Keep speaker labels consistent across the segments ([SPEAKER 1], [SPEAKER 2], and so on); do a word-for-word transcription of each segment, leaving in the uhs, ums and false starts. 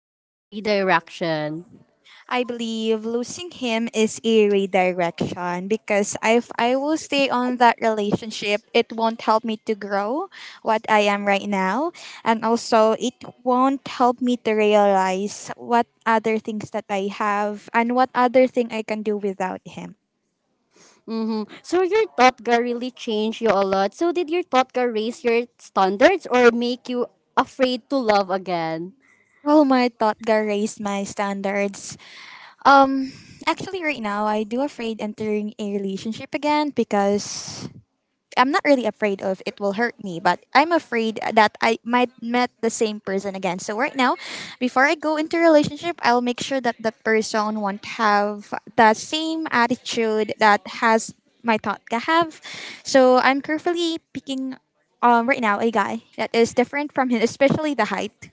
[SPEAKER 1] or a redirection?
[SPEAKER 2] I believe losing him is a redirection because if I will stay on that relationship, it won't help me to grow what I am right now. And also, it won't help me to realize what other things that I have and what other thing I can do without him.
[SPEAKER 1] Mm-hmm. So your totga really changed you a lot. So did your totga raise your standards or make you afraid to love again?
[SPEAKER 2] Well, my thought that raised my standards. Um, actually, right now, I do afraid entering a relationship again because I'm not really afraid of it will hurt me, but I'm afraid that I might met the same person again. So right now, before I go into a relationship, I'll make sure that that person won't have the same attitude that has my thought ka have. So I'm carefully picking um right now a guy that is different from him, especially the height.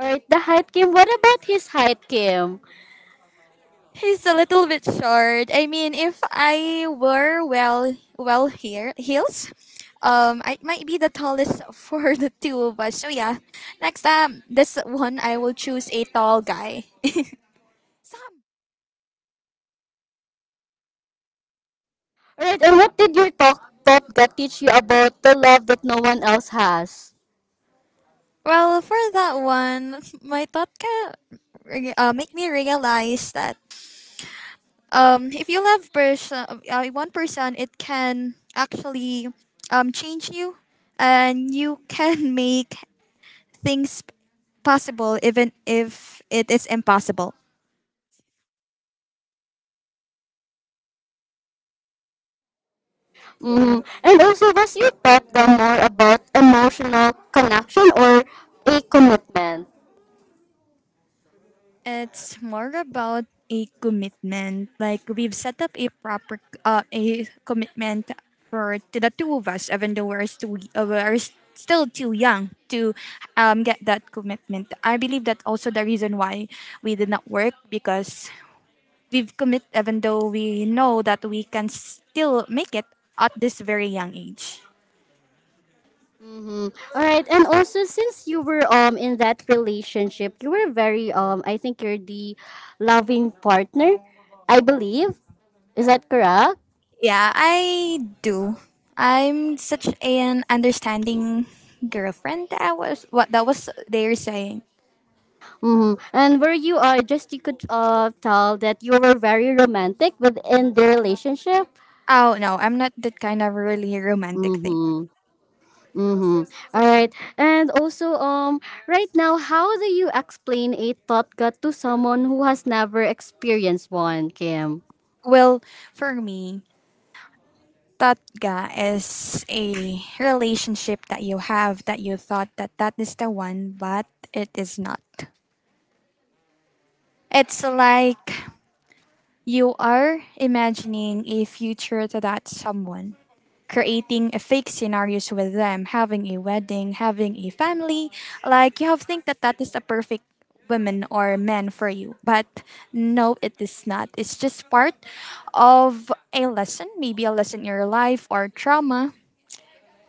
[SPEAKER 1] Alright, the height Kim. What about his height Kim?
[SPEAKER 2] He's a little bit short. I mean, if I were well, well here heels, um, I might be the tallest for the two of us. So yeah, next um, this one I will choose a tall guy. Sam.
[SPEAKER 1] Alright, and what did your tot totga teach you about the love that no one else has?
[SPEAKER 2] Well, for that one, my thought can uh, make me realize that um, if you love person, uh, one person, it can actually um, change you, and you can make things possible even if it is impossible.
[SPEAKER 1] Mm-hmm. And also, was your totga more about emotional connection or a commitment?
[SPEAKER 2] It's more about a commitment. Like we've set up a proper uh, a commitment for to the two of us, even though we're still uh, we're still too young to um, get that commitment. I believe that's also the reason why we did not work because we've commit even though we know that we can still make it at this very young age.
[SPEAKER 1] Mm-hmm. All right, and also since you were um in that relationship, you were very, um I think you're the loving partner, I believe. Is that correct?
[SPEAKER 2] Yeah, I do. I'm such an understanding girlfriend. That I was what that was they were saying.
[SPEAKER 1] Mm-hmm. And were you, uh just you could uh tell that you were very romantic within the relationship?
[SPEAKER 2] Oh no, I'm not that kind of really romantic thing.
[SPEAKER 1] Mm-hmm. Mm-hmm. All right, and also, um right now, how do you explain a thought gut to someone who has never experienced one, Kim?
[SPEAKER 2] Well, for me, tatga is a relationship that you have that you thought that that is the one, but it is not. It's like you are imagining a future to that someone, creating a fake scenarios with them, having a wedding, having a family. Like you have think that that is the perfect woman or man for you, but no, it is not. It's just part of a lesson, maybe a lesson in your life or trauma.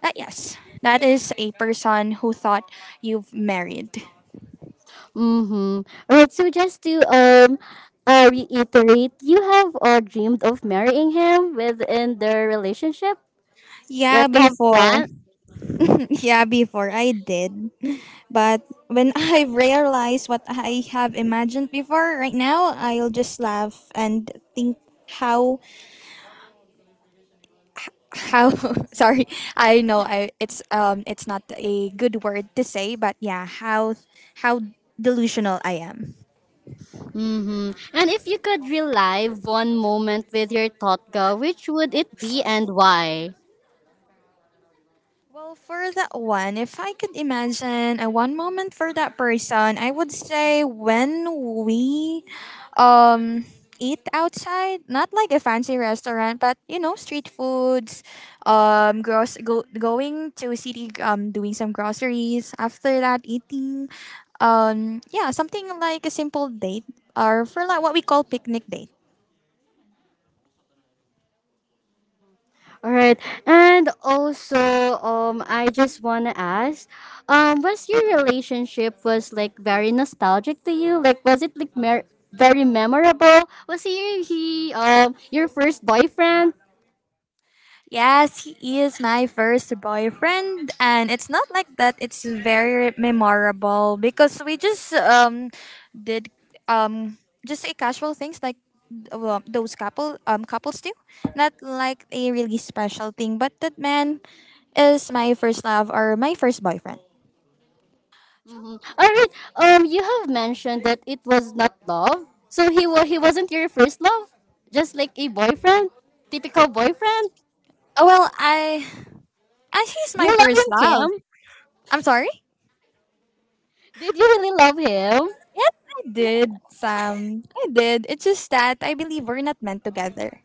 [SPEAKER 2] That yes, that is a person who thought you've married.
[SPEAKER 1] Mm-hmm. Right. So just to um uh, reiterate, you have uh, dreamed of marrying him within their relationship. Yes,
[SPEAKER 2] Yeah,
[SPEAKER 1] you have
[SPEAKER 2] before.
[SPEAKER 1] planned.
[SPEAKER 2] Yeah, before I did. But when I've realized what I have imagined before, right now I'll just laugh and think how how sorry, I know I it's um it's not a good word to say, but yeah, how how delusional I am.
[SPEAKER 1] Mm-hmm. And if you could relive one moment with your Totka, which would it be and why?
[SPEAKER 2] Well, for that one, if I could imagine a one moment for that person, I would say when we um eat outside, not like a fancy restaurant, but you know, street foods, um gross go, going to city um doing some groceries, after that eating um yeah, something like a simple date or for like what we call picnic date.
[SPEAKER 1] All right. And also, um, I just wanna ask, um, was your relationship was like very nostalgic to you? Like, was it like mer- very memorable? Was he he um your first boyfriend?
[SPEAKER 2] Yes, he is my first boyfriend, and it's not like that. It's very memorable because we just um did um just a casual things like uh, those couple um couples do, not like a really special thing. But that man is my first love or my first boyfriend.
[SPEAKER 1] Mhm. All right. Um, you have mentioned that it was not love. So he wa- he wasn't your first love, just like a boyfriend, typical boyfriend.
[SPEAKER 2] Oh well, I I he's
[SPEAKER 1] Do you
[SPEAKER 2] my
[SPEAKER 1] love him,
[SPEAKER 2] first love.
[SPEAKER 1] Kim?
[SPEAKER 2] I'm sorry.
[SPEAKER 1] Did you really love him?
[SPEAKER 2] Yes, I did, Sam. I did. It's just that I believe we're not meant together.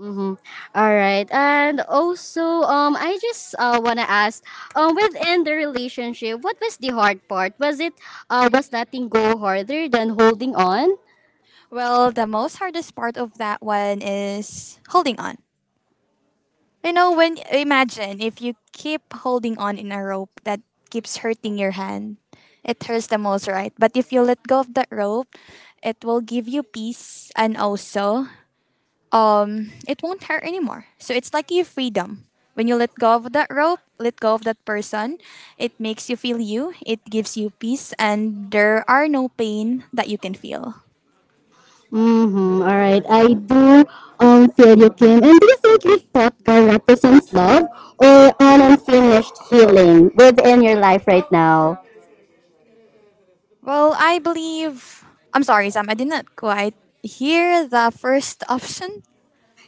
[SPEAKER 1] Mm-hmm. All right. And also, um, I just uh, wanna ask, um, within the relationship, what was the hard part? Was it uh, was letting go harder than holding on?
[SPEAKER 2] Well, the most hardest part of that one is holding on. You know, when imagine if you keep holding on in a rope that keeps hurting your hand, it hurts the most, right? But if you let go of that rope, it will give you peace and also um it won't hurt anymore. So it's like your freedom. When you let go of that rope, let go of that person, it makes you feel you, it gives you peace and there are no pain that you can feel.
[SPEAKER 1] Mm-hmm. All right, I do um feel you, Kim. And do you think your vodka represents love or an unfinished healing within your life right now?
[SPEAKER 2] Well, I believe. I'm sorry, Sam, I did not quite hear the first option.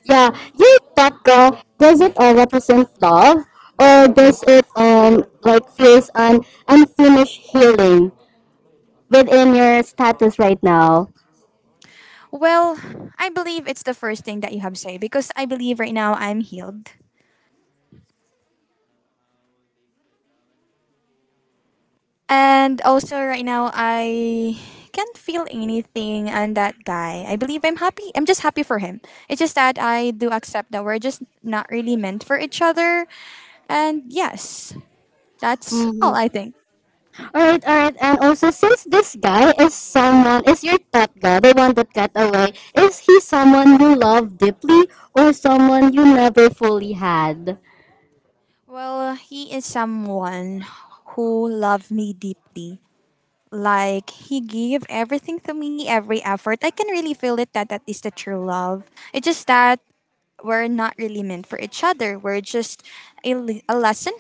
[SPEAKER 1] Yeah, your vodka does it all represent love or does it um like feels an unfinished healing within your status right now?
[SPEAKER 2] Well, I believe it's the first thing that you have said because I believe right now I'm healed. And also, right now, I can't feel anything on that guy. I believe I'm happy. I'm just happy for him. It's just that I do accept that we're just not really meant for each other. And yes, that's all
[SPEAKER 1] Mm-hmm.
[SPEAKER 2] I think.
[SPEAKER 1] Alright, alright, and also since this guy is someone is your top guy, the one that got away, is he someone you love deeply or someone you never fully had?
[SPEAKER 2] Well, he is someone who loved me deeply. Like he gave everything to me, every effort. I can really feel it that that is the true love. It's just that we're not really meant for each other. We're just a, le- a lesson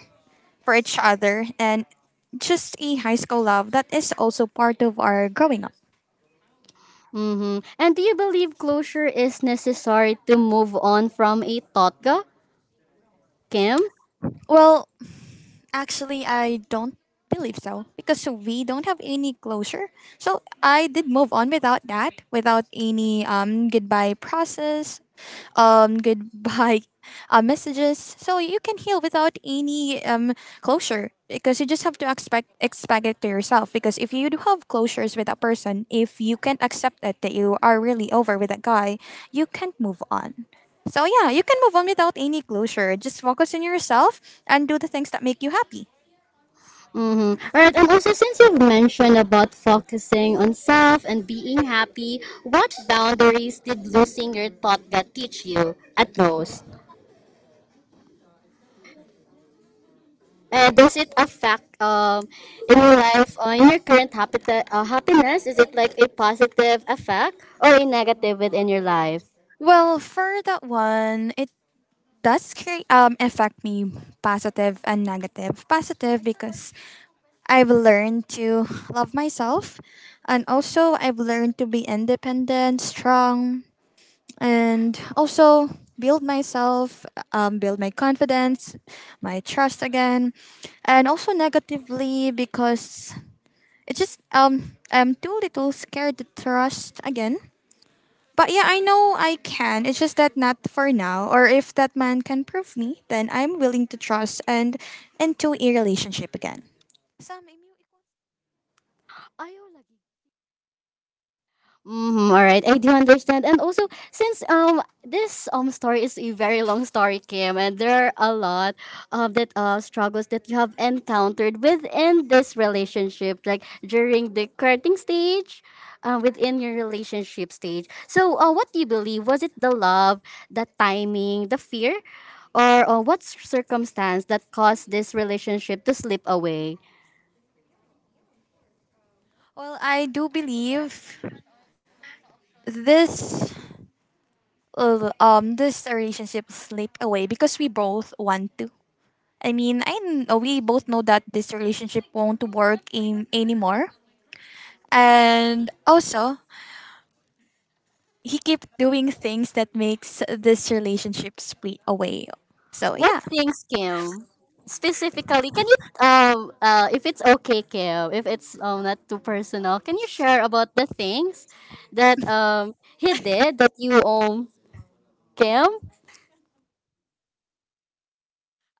[SPEAKER 2] for each other and just a high school love that is also part of our growing up.
[SPEAKER 1] Mm-hmm. And do you believe closure is necessary to move on from a totga, Kim?
[SPEAKER 2] Well, actually, I don't believe so because we don't have any closure. So I did move on without that, without any um goodbye process, um goodbye uh, messages. So you can heal without any um closure because you just have to expect expect it to yourself. Because if you do have closures with a person, if you can't accept it that you are really over with that guy, you can't move on. So yeah, you can move on without any closure. Just focus on yourself and do the things that make you happy.
[SPEAKER 1] Mm-hmm. Alright, and also since you've mentioned about focusing on self and being happy, what boundaries did losing your totga teach you at most? And does it affect, um in your life, uh, in your current happita- uh, happiness? Is it like a positive effect or a negative within your life?
[SPEAKER 2] Well, for that one, it does create, um affect me positive and negative. Positive because I've learned to love myself, and also I've learned to be independent, strong, and also build myself, um, build my confidence, my trust again, and also negatively because it's just um I'm too little scared to trust again. But yeah, I know I can. It's just that not for now. Or if that man can prove me, then I'm willing to trust and into a relationship again. Sam, imi-
[SPEAKER 1] Ayaw lagi. Mm-hmm, all right, I do understand. And also, since um this um story is a very long story, Kim, and there are a lot of that uh struggles that you have encountered within this relationship, like during the courting stage, uh, within your relationship stage. So, uh, what do you believe? Was it the love, the timing, the fear, or uh, what circumstance that caused this relationship to slip away?
[SPEAKER 2] Well, I do believe this uh, um this relationship slip away because we both want to. I mean, I kn- uh, we both know that this relationship won't work in anymore. And also, he kept doing things that makes this relationship split away. So yeah.
[SPEAKER 1] What things, Kim? Specifically, can you um uh if it's okay, Kim, if it's um not too personal, can you share about the things that um he did that you um Kim?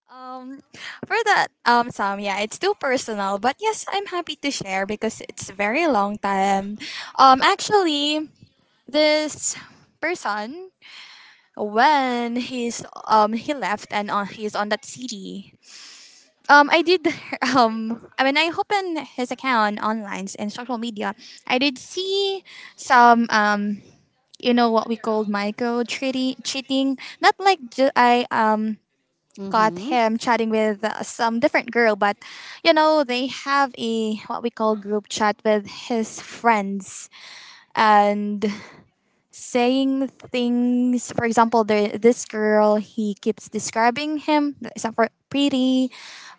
[SPEAKER 2] Um, for that, um, Sam, yeah, it's too personal, but yes, I'm happy to share because it's a very long time. Um, actually, this person when he's um he left and on, he's on that city. Um, I did um I mean I opened his account online and social media. I did see some um you know what we called Michael cheating, cheating. Not like ju- I um caught
[SPEAKER 1] Mm-hmm.
[SPEAKER 2] him chatting with uh, some different girl, but you know they have a what we call group chat with his friends and saying things. For example, there this girl he keeps describing him as for pretty,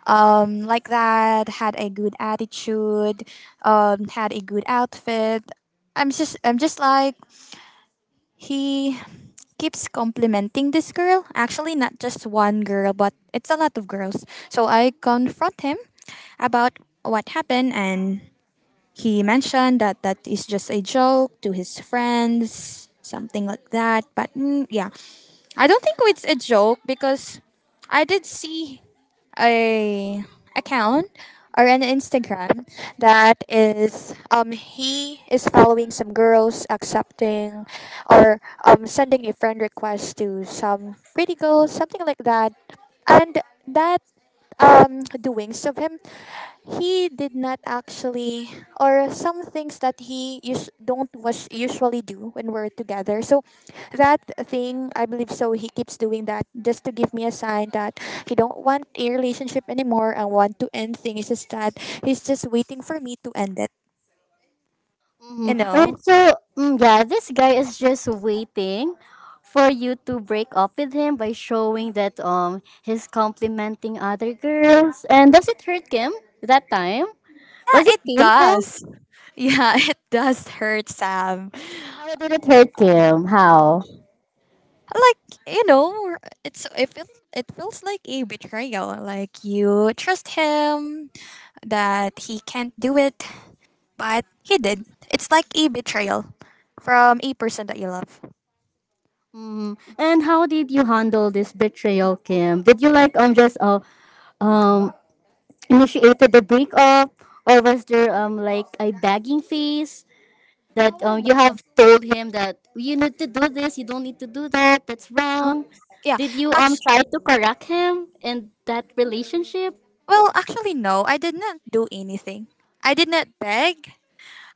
[SPEAKER 2] um like that had a good attitude, um had a good outfit. I'm just I'm just like he keeps complimenting this girl. Actually, not just one girl, but it's a lot of girls. So I confront him about what happened, and he mentioned that that is just a joke to his friends, something like that. But mm, yeah, I don't think it's a joke because I did see a account or an Instagram that is um he is following some girls accepting or um sending a friend request to some pretty girls something like that and that um doings of him he did not actually or some things that he us- don't was usually do when we're together so that thing I believe so he keeps doing that just to give me a sign that he don't want a relationship anymore and want to end things is that he's just waiting for me to end it
[SPEAKER 1] Mm-hmm.
[SPEAKER 2] you know
[SPEAKER 1] Alright, so mm, yeah, this guy is just waiting for you to break up with him by showing that um he's complimenting other girls. And does it hurt Kim that time? Was
[SPEAKER 2] Yeah,
[SPEAKER 1] it
[SPEAKER 2] it
[SPEAKER 1] painful?
[SPEAKER 2] does. Yeah, it does hurt, Sam.
[SPEAKER 1] How did it hurt Kim? How?
[SPEAKER 2] Like you know, it's it feels it feels like a betrayal. Like you trust him that he can't do it, but he did. It's like a betrayal from a person that you love.
[SPEAKER 1] Mhm. And how did you handle this betrayal, Kim? Did you like um just uh, um initiated the breakup, or was there um like a begging phase that
[SPEAKER 2] Oh well,
[SPEAKER 1] um you have told him that you need to do this, you don't need to do that, that's
[SPEAKER 2] Uh,
[SPEAKER 1] wrong.
[SPEAKER 2] yeah.
[SPEAKER 1] Did you um
[SPEAKER 2] Act-
[SPEAKER 1] try to correct him in that relationship?
[SPEAKER 2] well, actually, no. I did not do anything. I did not beg.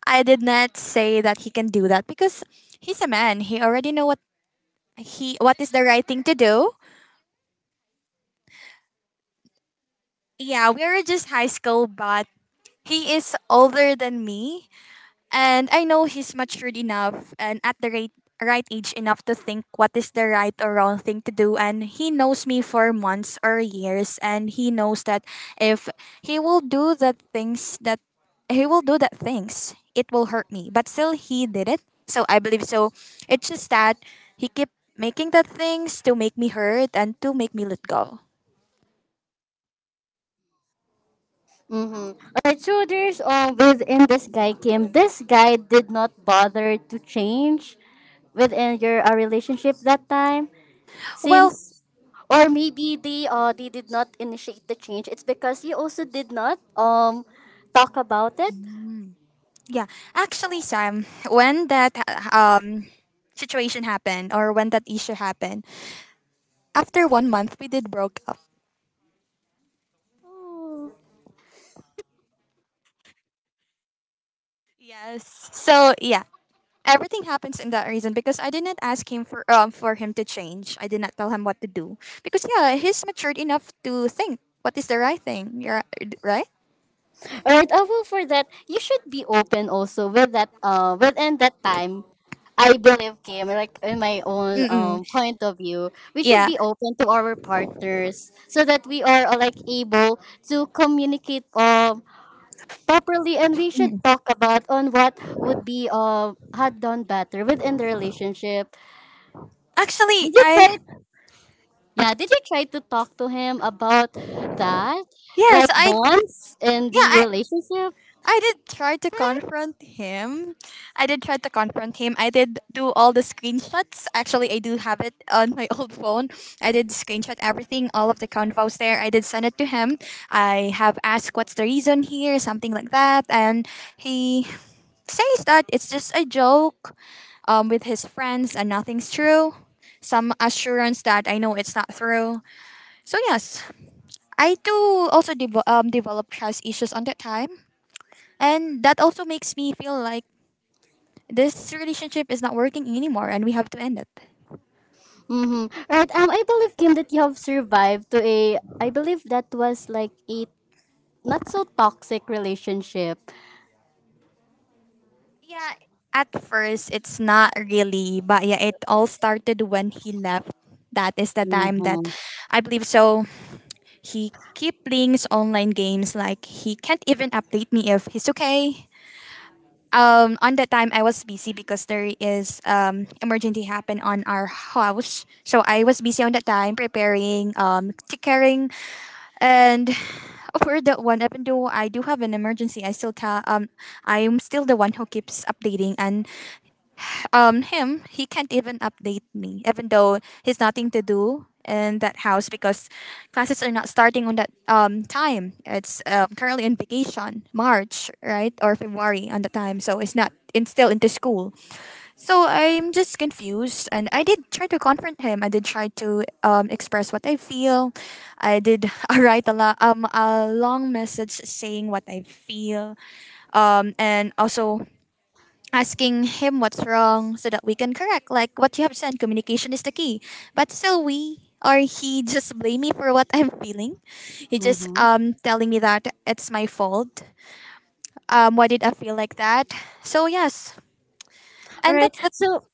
[SPEAKER 2] I did not say that he can do that because he's a man. He already know what he what is the right thing to do. Yeah, we were just high school, but he is older than me. And I know he's matured enough and at the right, right age enough to think what is the right or wrong thing to do. And he knows me for months or years. And he knows that if he will do the things that he will do that things, it will hurt me. But still, he did it. So I believe so. It's just that he kept making the things to make me hurt and to make me let go.
[SPEAKER 1] Alright, so there's um within this guy Kim, this guy did not bother to change within your, uh, relationship that time,
[SPEAKER 2] Well,
[SPEAKER 1] since, or maybe they uh they did not initiate the change. It's because you also did not um talk about it.
[SPEAKER 2] yeah, actually, Sam, when that um situation happened or when that issue happened, after one month we did broke up.
[SPEAKER 1] Oh.
[SPEAKER 2] Yes. So yeah, everything happens in that reason because I did not ask him for um for him to change. I did not tell him what to do because yeah, he's matured enough to think what is the right thing. You're right.
[SPEAKER 1] All right, uh, well for that you should be open also with that, uh within that time. I believe Kim, like in my own
[SPEAKER 2] Mm-mm.
[SPEAKER 1] um point of view, we should
[SPEAKER 2] Yeah.
[SPEAKER 1] be open to our partners so that we are, uh, like able to communicate um properly, and we should
[SPEAKER 2] Mhm.
[SPEAKER 1] talk about on what would be uh had done better within the relationship.
[SPEAKER 2] Actually,
[SPEAKER 1] Did you try?
[SPEAKER 2] I
[SPEAKER 1] Yeah, did you try to talk to him about that,
[SPEAKER 2] yes,
[SPEAKER 1] like
[SPEAKER 2] I
[SPEAKER 1] once in
[SPEAKER 2] yeah,
[SPEAKER 1] the
[SPEAKER 2] I
[SPEAKER 1] relationship?
[SPEAKER 2] I did try to confront him. I did try to confront him. I did do all the screenshots. Actually, I do have it on my old phone. I did screenshot everything, all of the convos there. I did send it to him. I have asked what's the reason here, something like that. And he says that it's just a joke um, with his friends and nothing's true. Some assurance that I know it's not true. So, yes, I do also devo um, develop trust issues on that time. And that also makes me feel like this relationship is not working anymore and we have to end it.
[SPEAKER 1] Mm-hmm. Right. Um, I believe Kim that you have survived to a. I believe that was like a not so toxic relationship.
[SPEAKER 2] Yeah, at first it's not really, but yeah, it all started when he left. That is the time that
[SPEAKER 1] Mm-hmm.
[SPEAKER 2] I believe so. He keep playing his online games like he can't even update me if he's okay. Um, on that time I was busy because there is um emergency happen on our house, so I was busy on that time preparing um, taking. Caring and for that one, even though I do have an emergency, I still ca- um I am still the one who keeps updating and um him, he can't even update me, even though he's nothing to do in that house because classes are not starting on that um time. It's um, currently in vacation, March right or February on the time, so it's not it's still into school. So I'm just confused, and I did try to confront him. I did try to um, express what I feel. I did write a lo- um a long message saying what I feel, um, and also asking him what's wrong so that we can correct. Like what you have said, communication is the key. But still, we or he just blame me for what I'm feeling. He just
[SPEAKER 1] Mm-hmm.
[SPEAKER 2] um telling me that it's my fault. Um, why did I feel like that? So yes,
[SPEAKER 1] All
[SPEAKER 2] and
[SPEAKER 1] right.
[SPEAKER 2] that's the
[SPEAKER 1] So,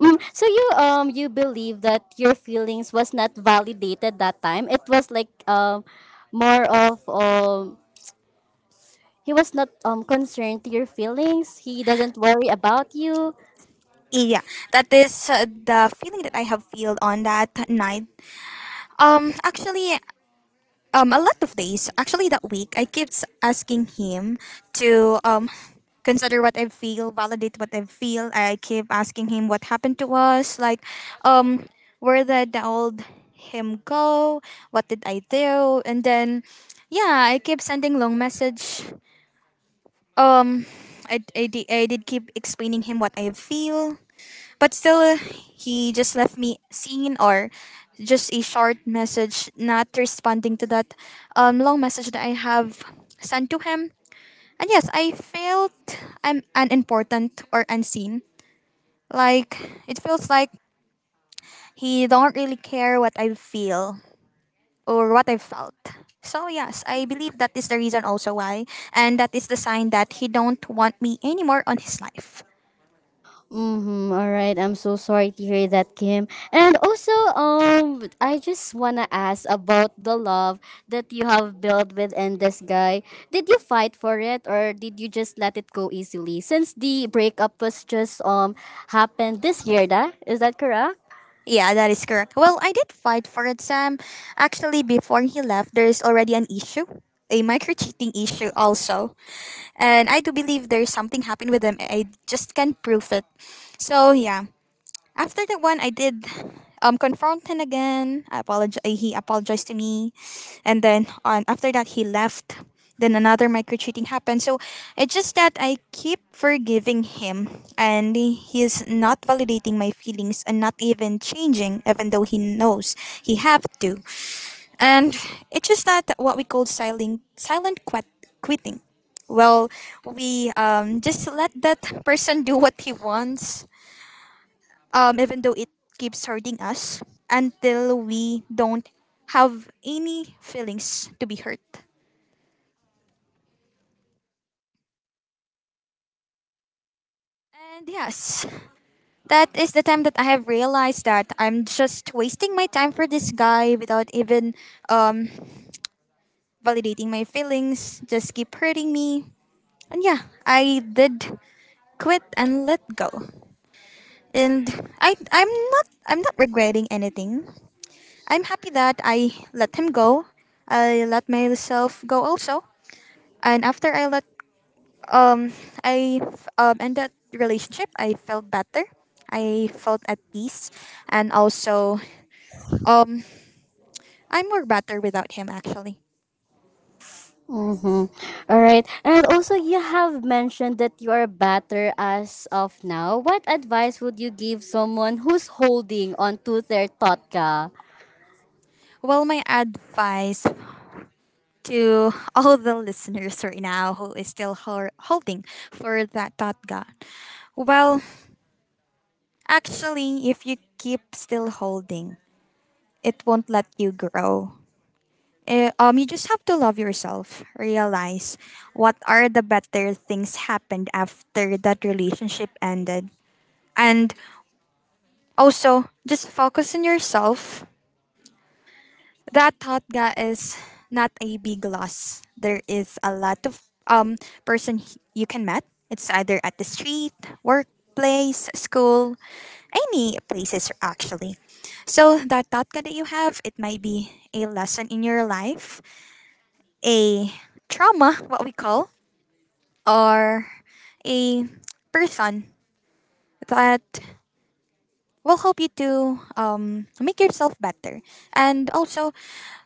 [SPEAKER 1] mm, so you um you believe that your feelings was not validated that time. It was like um more of um he was not um concerned to your feelings. He doesn't worry about you.
[SPEAKER 2] yeah, that is uh, the feeling that I have felt on that night. Um, actually, um, a lot of days. Actually, that week, I kept asking him to um, consider what I feel, validate what I feel. I keep asking him what happened to us, like um, where did the old him go? What did I do? And then, yeah, I keep sending long message. Um, I, I, di- I did keep explaining him what I feel. But still, uh, he just left me seen or just a short message, not responding to that um, long message that I have sent to him. And yes, I felt I'm unimportant or unseen. Like it feels like he don't really care what I feel or what I felt. So yes, I believe that is the reason also why, and that is the sign that he don't want me anymore on his life.
[SPEAKER 1] Mm-hmm. All right. I'm so sorry to hear that, Kim. And also, um, I just wanna ask about the love that you have built with and this guy. Did you fight for it, or did you just let it go easily? Since the breakup was just um happened this year, da? Is that correct?
[SPEAKER 2] Yeah, that is correct. Well, I did fight for it, Sam. Actually, before he left, there is already an issue, a micro cheating issue also. And I do believe there's something happened with him. I just can't prove it. So, yeah. After that one, I did um confront him again. I apologize. He apologized to me, and then on after that he left. Then another micro cheating happened. So it's just that I keep forgiving him, and he's not validating my feelings and not even changing, even though he knows he have to. And it's just that what we call silent silent quit- quitting. Well, we um, just let that person do what he wants um, even though it keeps hurting us until we don't have any feelings to be hurt. And yes, that is the time that I have realized that I'm just wasting my time for this guy without even um, validating my feelings, just keep hurting me. And yeah, I did quit and let go. And I I'm not I'm not regretting anything. I'm happy that I let him go. I let myself go also. And after I let um I f- um end that relationship, I felt better. I felt at peace, and also um I'm more better without him actually.
[SPEAKER 1] Mm-hmm. All right. And also, you have mentioned that you are better as of now. What advice would you give someone who's holding on to their totka?
[SPEAKER 2] Well, my advice to all the listeners right now who is still hol- holding for that thought God. Well, actually, if you keep still holding, it won't let you grow. Eh, um, you just have to love yourself. Realize what are the better things happened after that relationship ended, and also just focus on yourself. That thought ga is not a big loss. There is a lot of um person h- you can met. It's either at the street, workplace, school, any places actually. So that thought ga that you have, it might be a lesson in your life, a trauma, what we call, or a person that will help you to um, make yourself better. And also,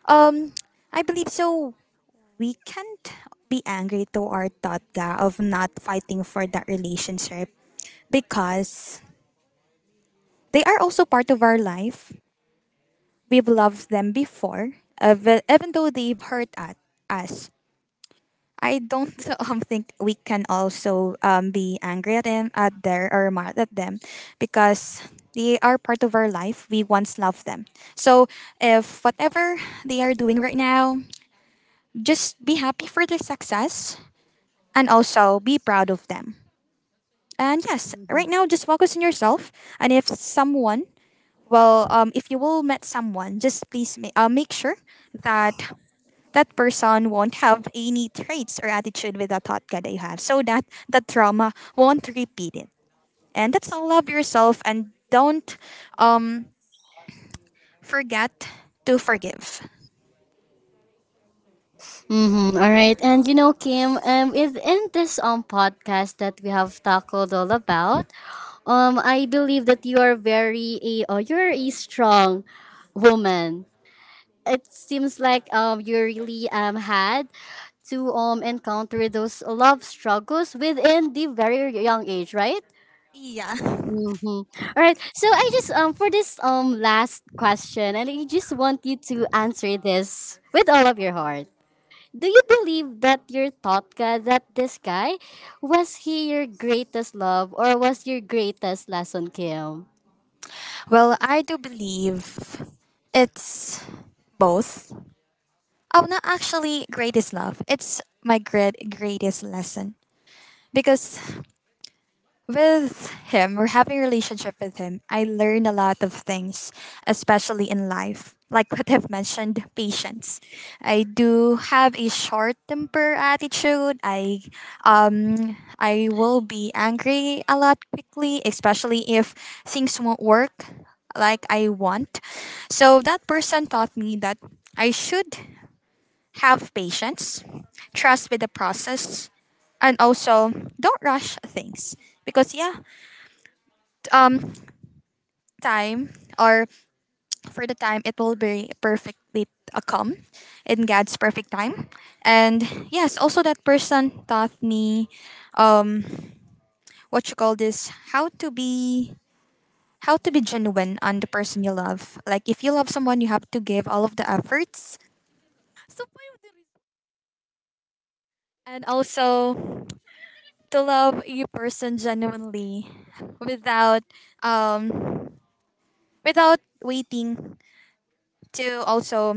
[SPEAKER 2] um, I believe so. We can't be angry to our tatga of not fighting for that relationship because they are also part of our life. We've loved them before, ev- even though they've hurt at us. I don't um, think we can also um, be angry at them, at their or mad at them, because they are part of our life. We once loved them. So if whatever they are doing right now, just be happy for their success and also be proud of them. And yes,
[SPEAKER 1] Mhm.
[SPEAKER 2] right now just focus on yourself. And if someone, well, um, if you will met someone, just please ma- uh, make sure that that person won't have any traits or attitude with the Totka that you have, so that the trauma won't repeat it. And that's all. Love yourself and don't um forget to forgive.
[SPEAKER 1] Mm-hmm. All right. And you know, Kim, um, within this um podcast that we have tackled all about, um, I believe that you are very a, oh, you're a strong woman. It seems like um you really um had to um encounter those love struggles within the very young age, right?
[SPEAKER 2] Yeah.
[SPEAKER 1] Mm-hmm. All right. So I just um for this um last question, and I just want you to answer this with all of your heart. Do you believe that your thought Totka, that this guy, was he your greatest love or was your greatest lesson, Kim?
[SPEAKER 2] Well, I do believe it's both. Oh, not actually greatest love. It's my great greatest lesson because with him or having a relationship with him, I learned a lot of things, especially in life. Like what I've mentioned, patience. I do have a short temper attitude. I um I will be angry a lot quickly, especially if things won't work like I want. So that person taught me that I should have patience, trust with the process, and also don't rush things because yeah, um, time or for the time it will be perfectly uh, come in God's perfect time. And yes, also that person taught me um what you call this, how to be, how to be genuine on the person you love. Like if you love someone, you have to give all of the efforts. And also to love a person genuinely without um without waiting to also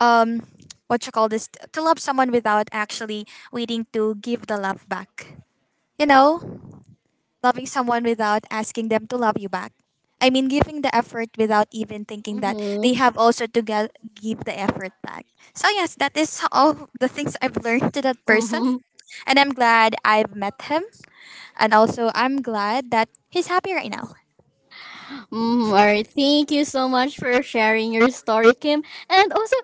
[SPEAKER 2] um what you call this, to love someone without actually waiting to give the love back, you know, loving someone without asking them to love you back. I mean, giving the effort without even thinking that
[SPEAKER 1] Mm-hmm.
[SPEAKER 2] they have also to get, give the effort back. So yes, that is all the things I've learned to that person.
[SPEAKER 1] Mm-hmm.
[SPEAKER 2] And I'm glad I've met him. And also, I'm glad that he's happy right now.
[SPEAKER 1] Mm, all right. Thank you so much for sharing your story, Kim. And also,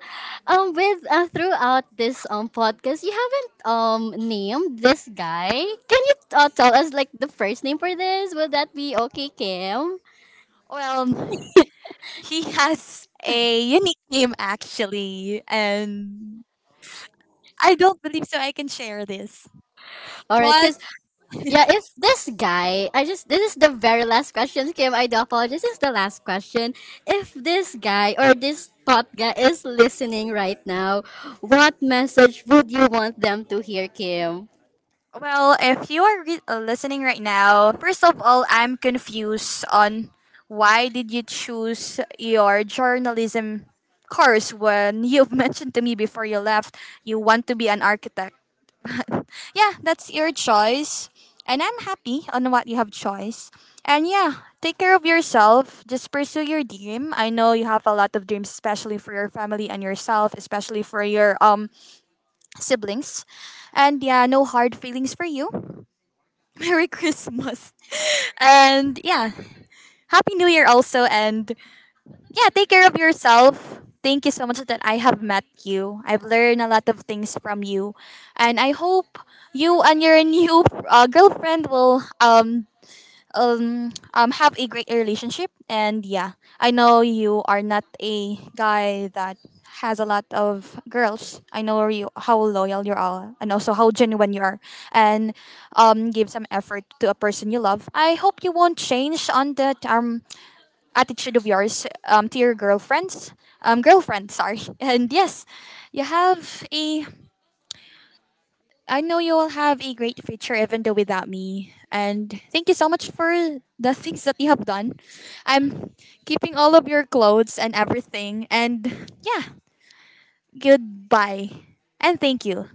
[SPEAKER 1] um, with uh, throughout this um podcast, you haven't um named this guy. Can you, uh, tell us like the first name for this? Will that be okay, Kim?
[SPEAKER 2] Well, he has a unique name actually, and I don't believe so I can share this.
[SPEAKER 1] All right,
[SPEAKER 2] But,
[SPEAKER 1] cause yeah, if this guy, I just this is the very last question, Kim. I do apologize. This is the last question. If this guy or this thought guy is listening right now, what message would you want them to hear, Kim?
[SPEAKER 2] well, if you are re- uh, listening right now, first of all, I'm confused on why did you choose your journalism course when you've mentioned to me before you left you want to be an architect. But yeah, that's your choice. And I'm happy on what you have choice. And yeah, take care of yourself. Just pursue your dream. I know you have a lot of dreams, especially for your family and yourself, especially for your um siblings. And yeah, no hard feelings for you. Merry Christmas. And yeah, Happy New Year also. And yeah, take care of yourself. Thank you so much that I have met you. I've learned a lot of things from you. And I hope you and your new uh, girlfriend will um, um um have a great relationship. And yeah, I know you are not a guy that has a lot of girls. I know you how loyal you are and also how genuine you are. And um give some effort to a person you love. I hope you won't change on that um attitude of yours um to your girlfriends um girlfriend, sorry. And yes, you have a, I know you will have a great future even though without me. And thank you so much for the things that you have done. I'm keeping all of your clothes and everything. And yeah, goodbye. And thank you.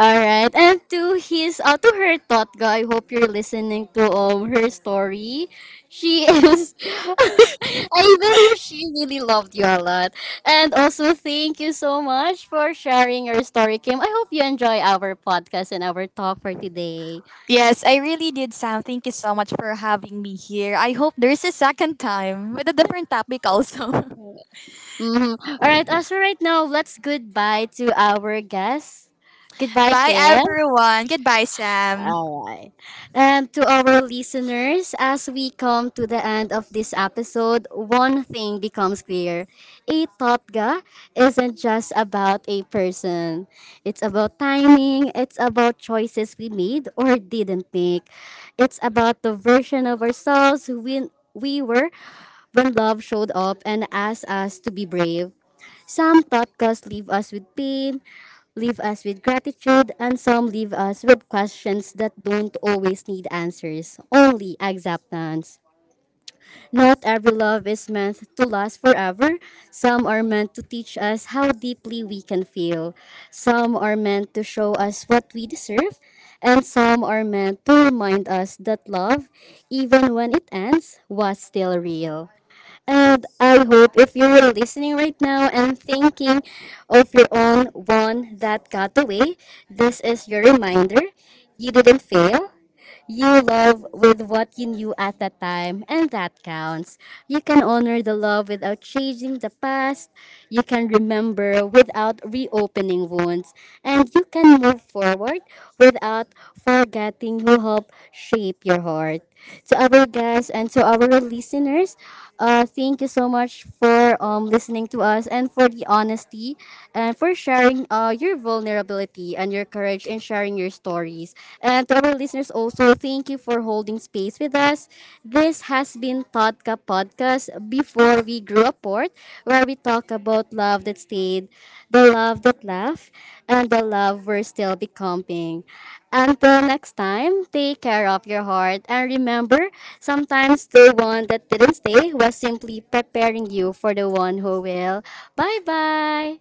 [SPEAKER 1] All right, and to his, uh, to her Totka, I hope you're listening to, um, her story. She is, I believe she really loved you a lot, and also thank you so much for sharing your story, Kim. I hope you enjoy our podcast and our talk for today.
[SPEAKER 2] Yes, I really did, Sam. Thank you so much for having me here. I hope there's a second time with a different topic also.
[SPEAKER 1] Mhm. All right, uh, so right now let's goodbye to our guest. Goodbye,
[SPEAKER 2] Bye,
[SPEAKER 1] Kim.
[SPEAKER 2] everyone. Goodbye, Sam.
[SPEAKER 1] All right. And to our listeners, as we come to the end of this episode, one thing becomes clear. A totga isn't just about a person. It's about timing, it's about choices we made or didn't make. It's about the version of ourselves who we we were when love showed up and asked us to be brave. Some podcasts leave us with pain, leave us with gratitude, and some leave us with questions that don't always need answers, only acceptance. Not every love is meant to last forever. Some are meant to teach us how deeply we can feel. Some are meant to show us what we deserve. And some are meant to remind us that love, even when it ends, was still real. And I hope if you were listening right now and thinking of your own one that got away, this is your reminder. You didn't fail. You love with what you knew at that time, and that counts. You can honor the love without changing the past. You can remember without reopening wounds. And you can move forward without forgetting who helped shape your heart to our guests and to our listeners. Uh, thank you so much for um, listening to us and for the honesty and for sharing, uh, your vulnerability and your courage in sharing your stories. And to our listeners also, thank you for holding space with us. This has been Todka Podcast before before we grew apart, where we talk about love that stayed, the love that left, and the love we're still becoming. Until next time, take care of your heart and remember, sometimes the one that didn't stay was simply preparing you for the one who will. Bye bye!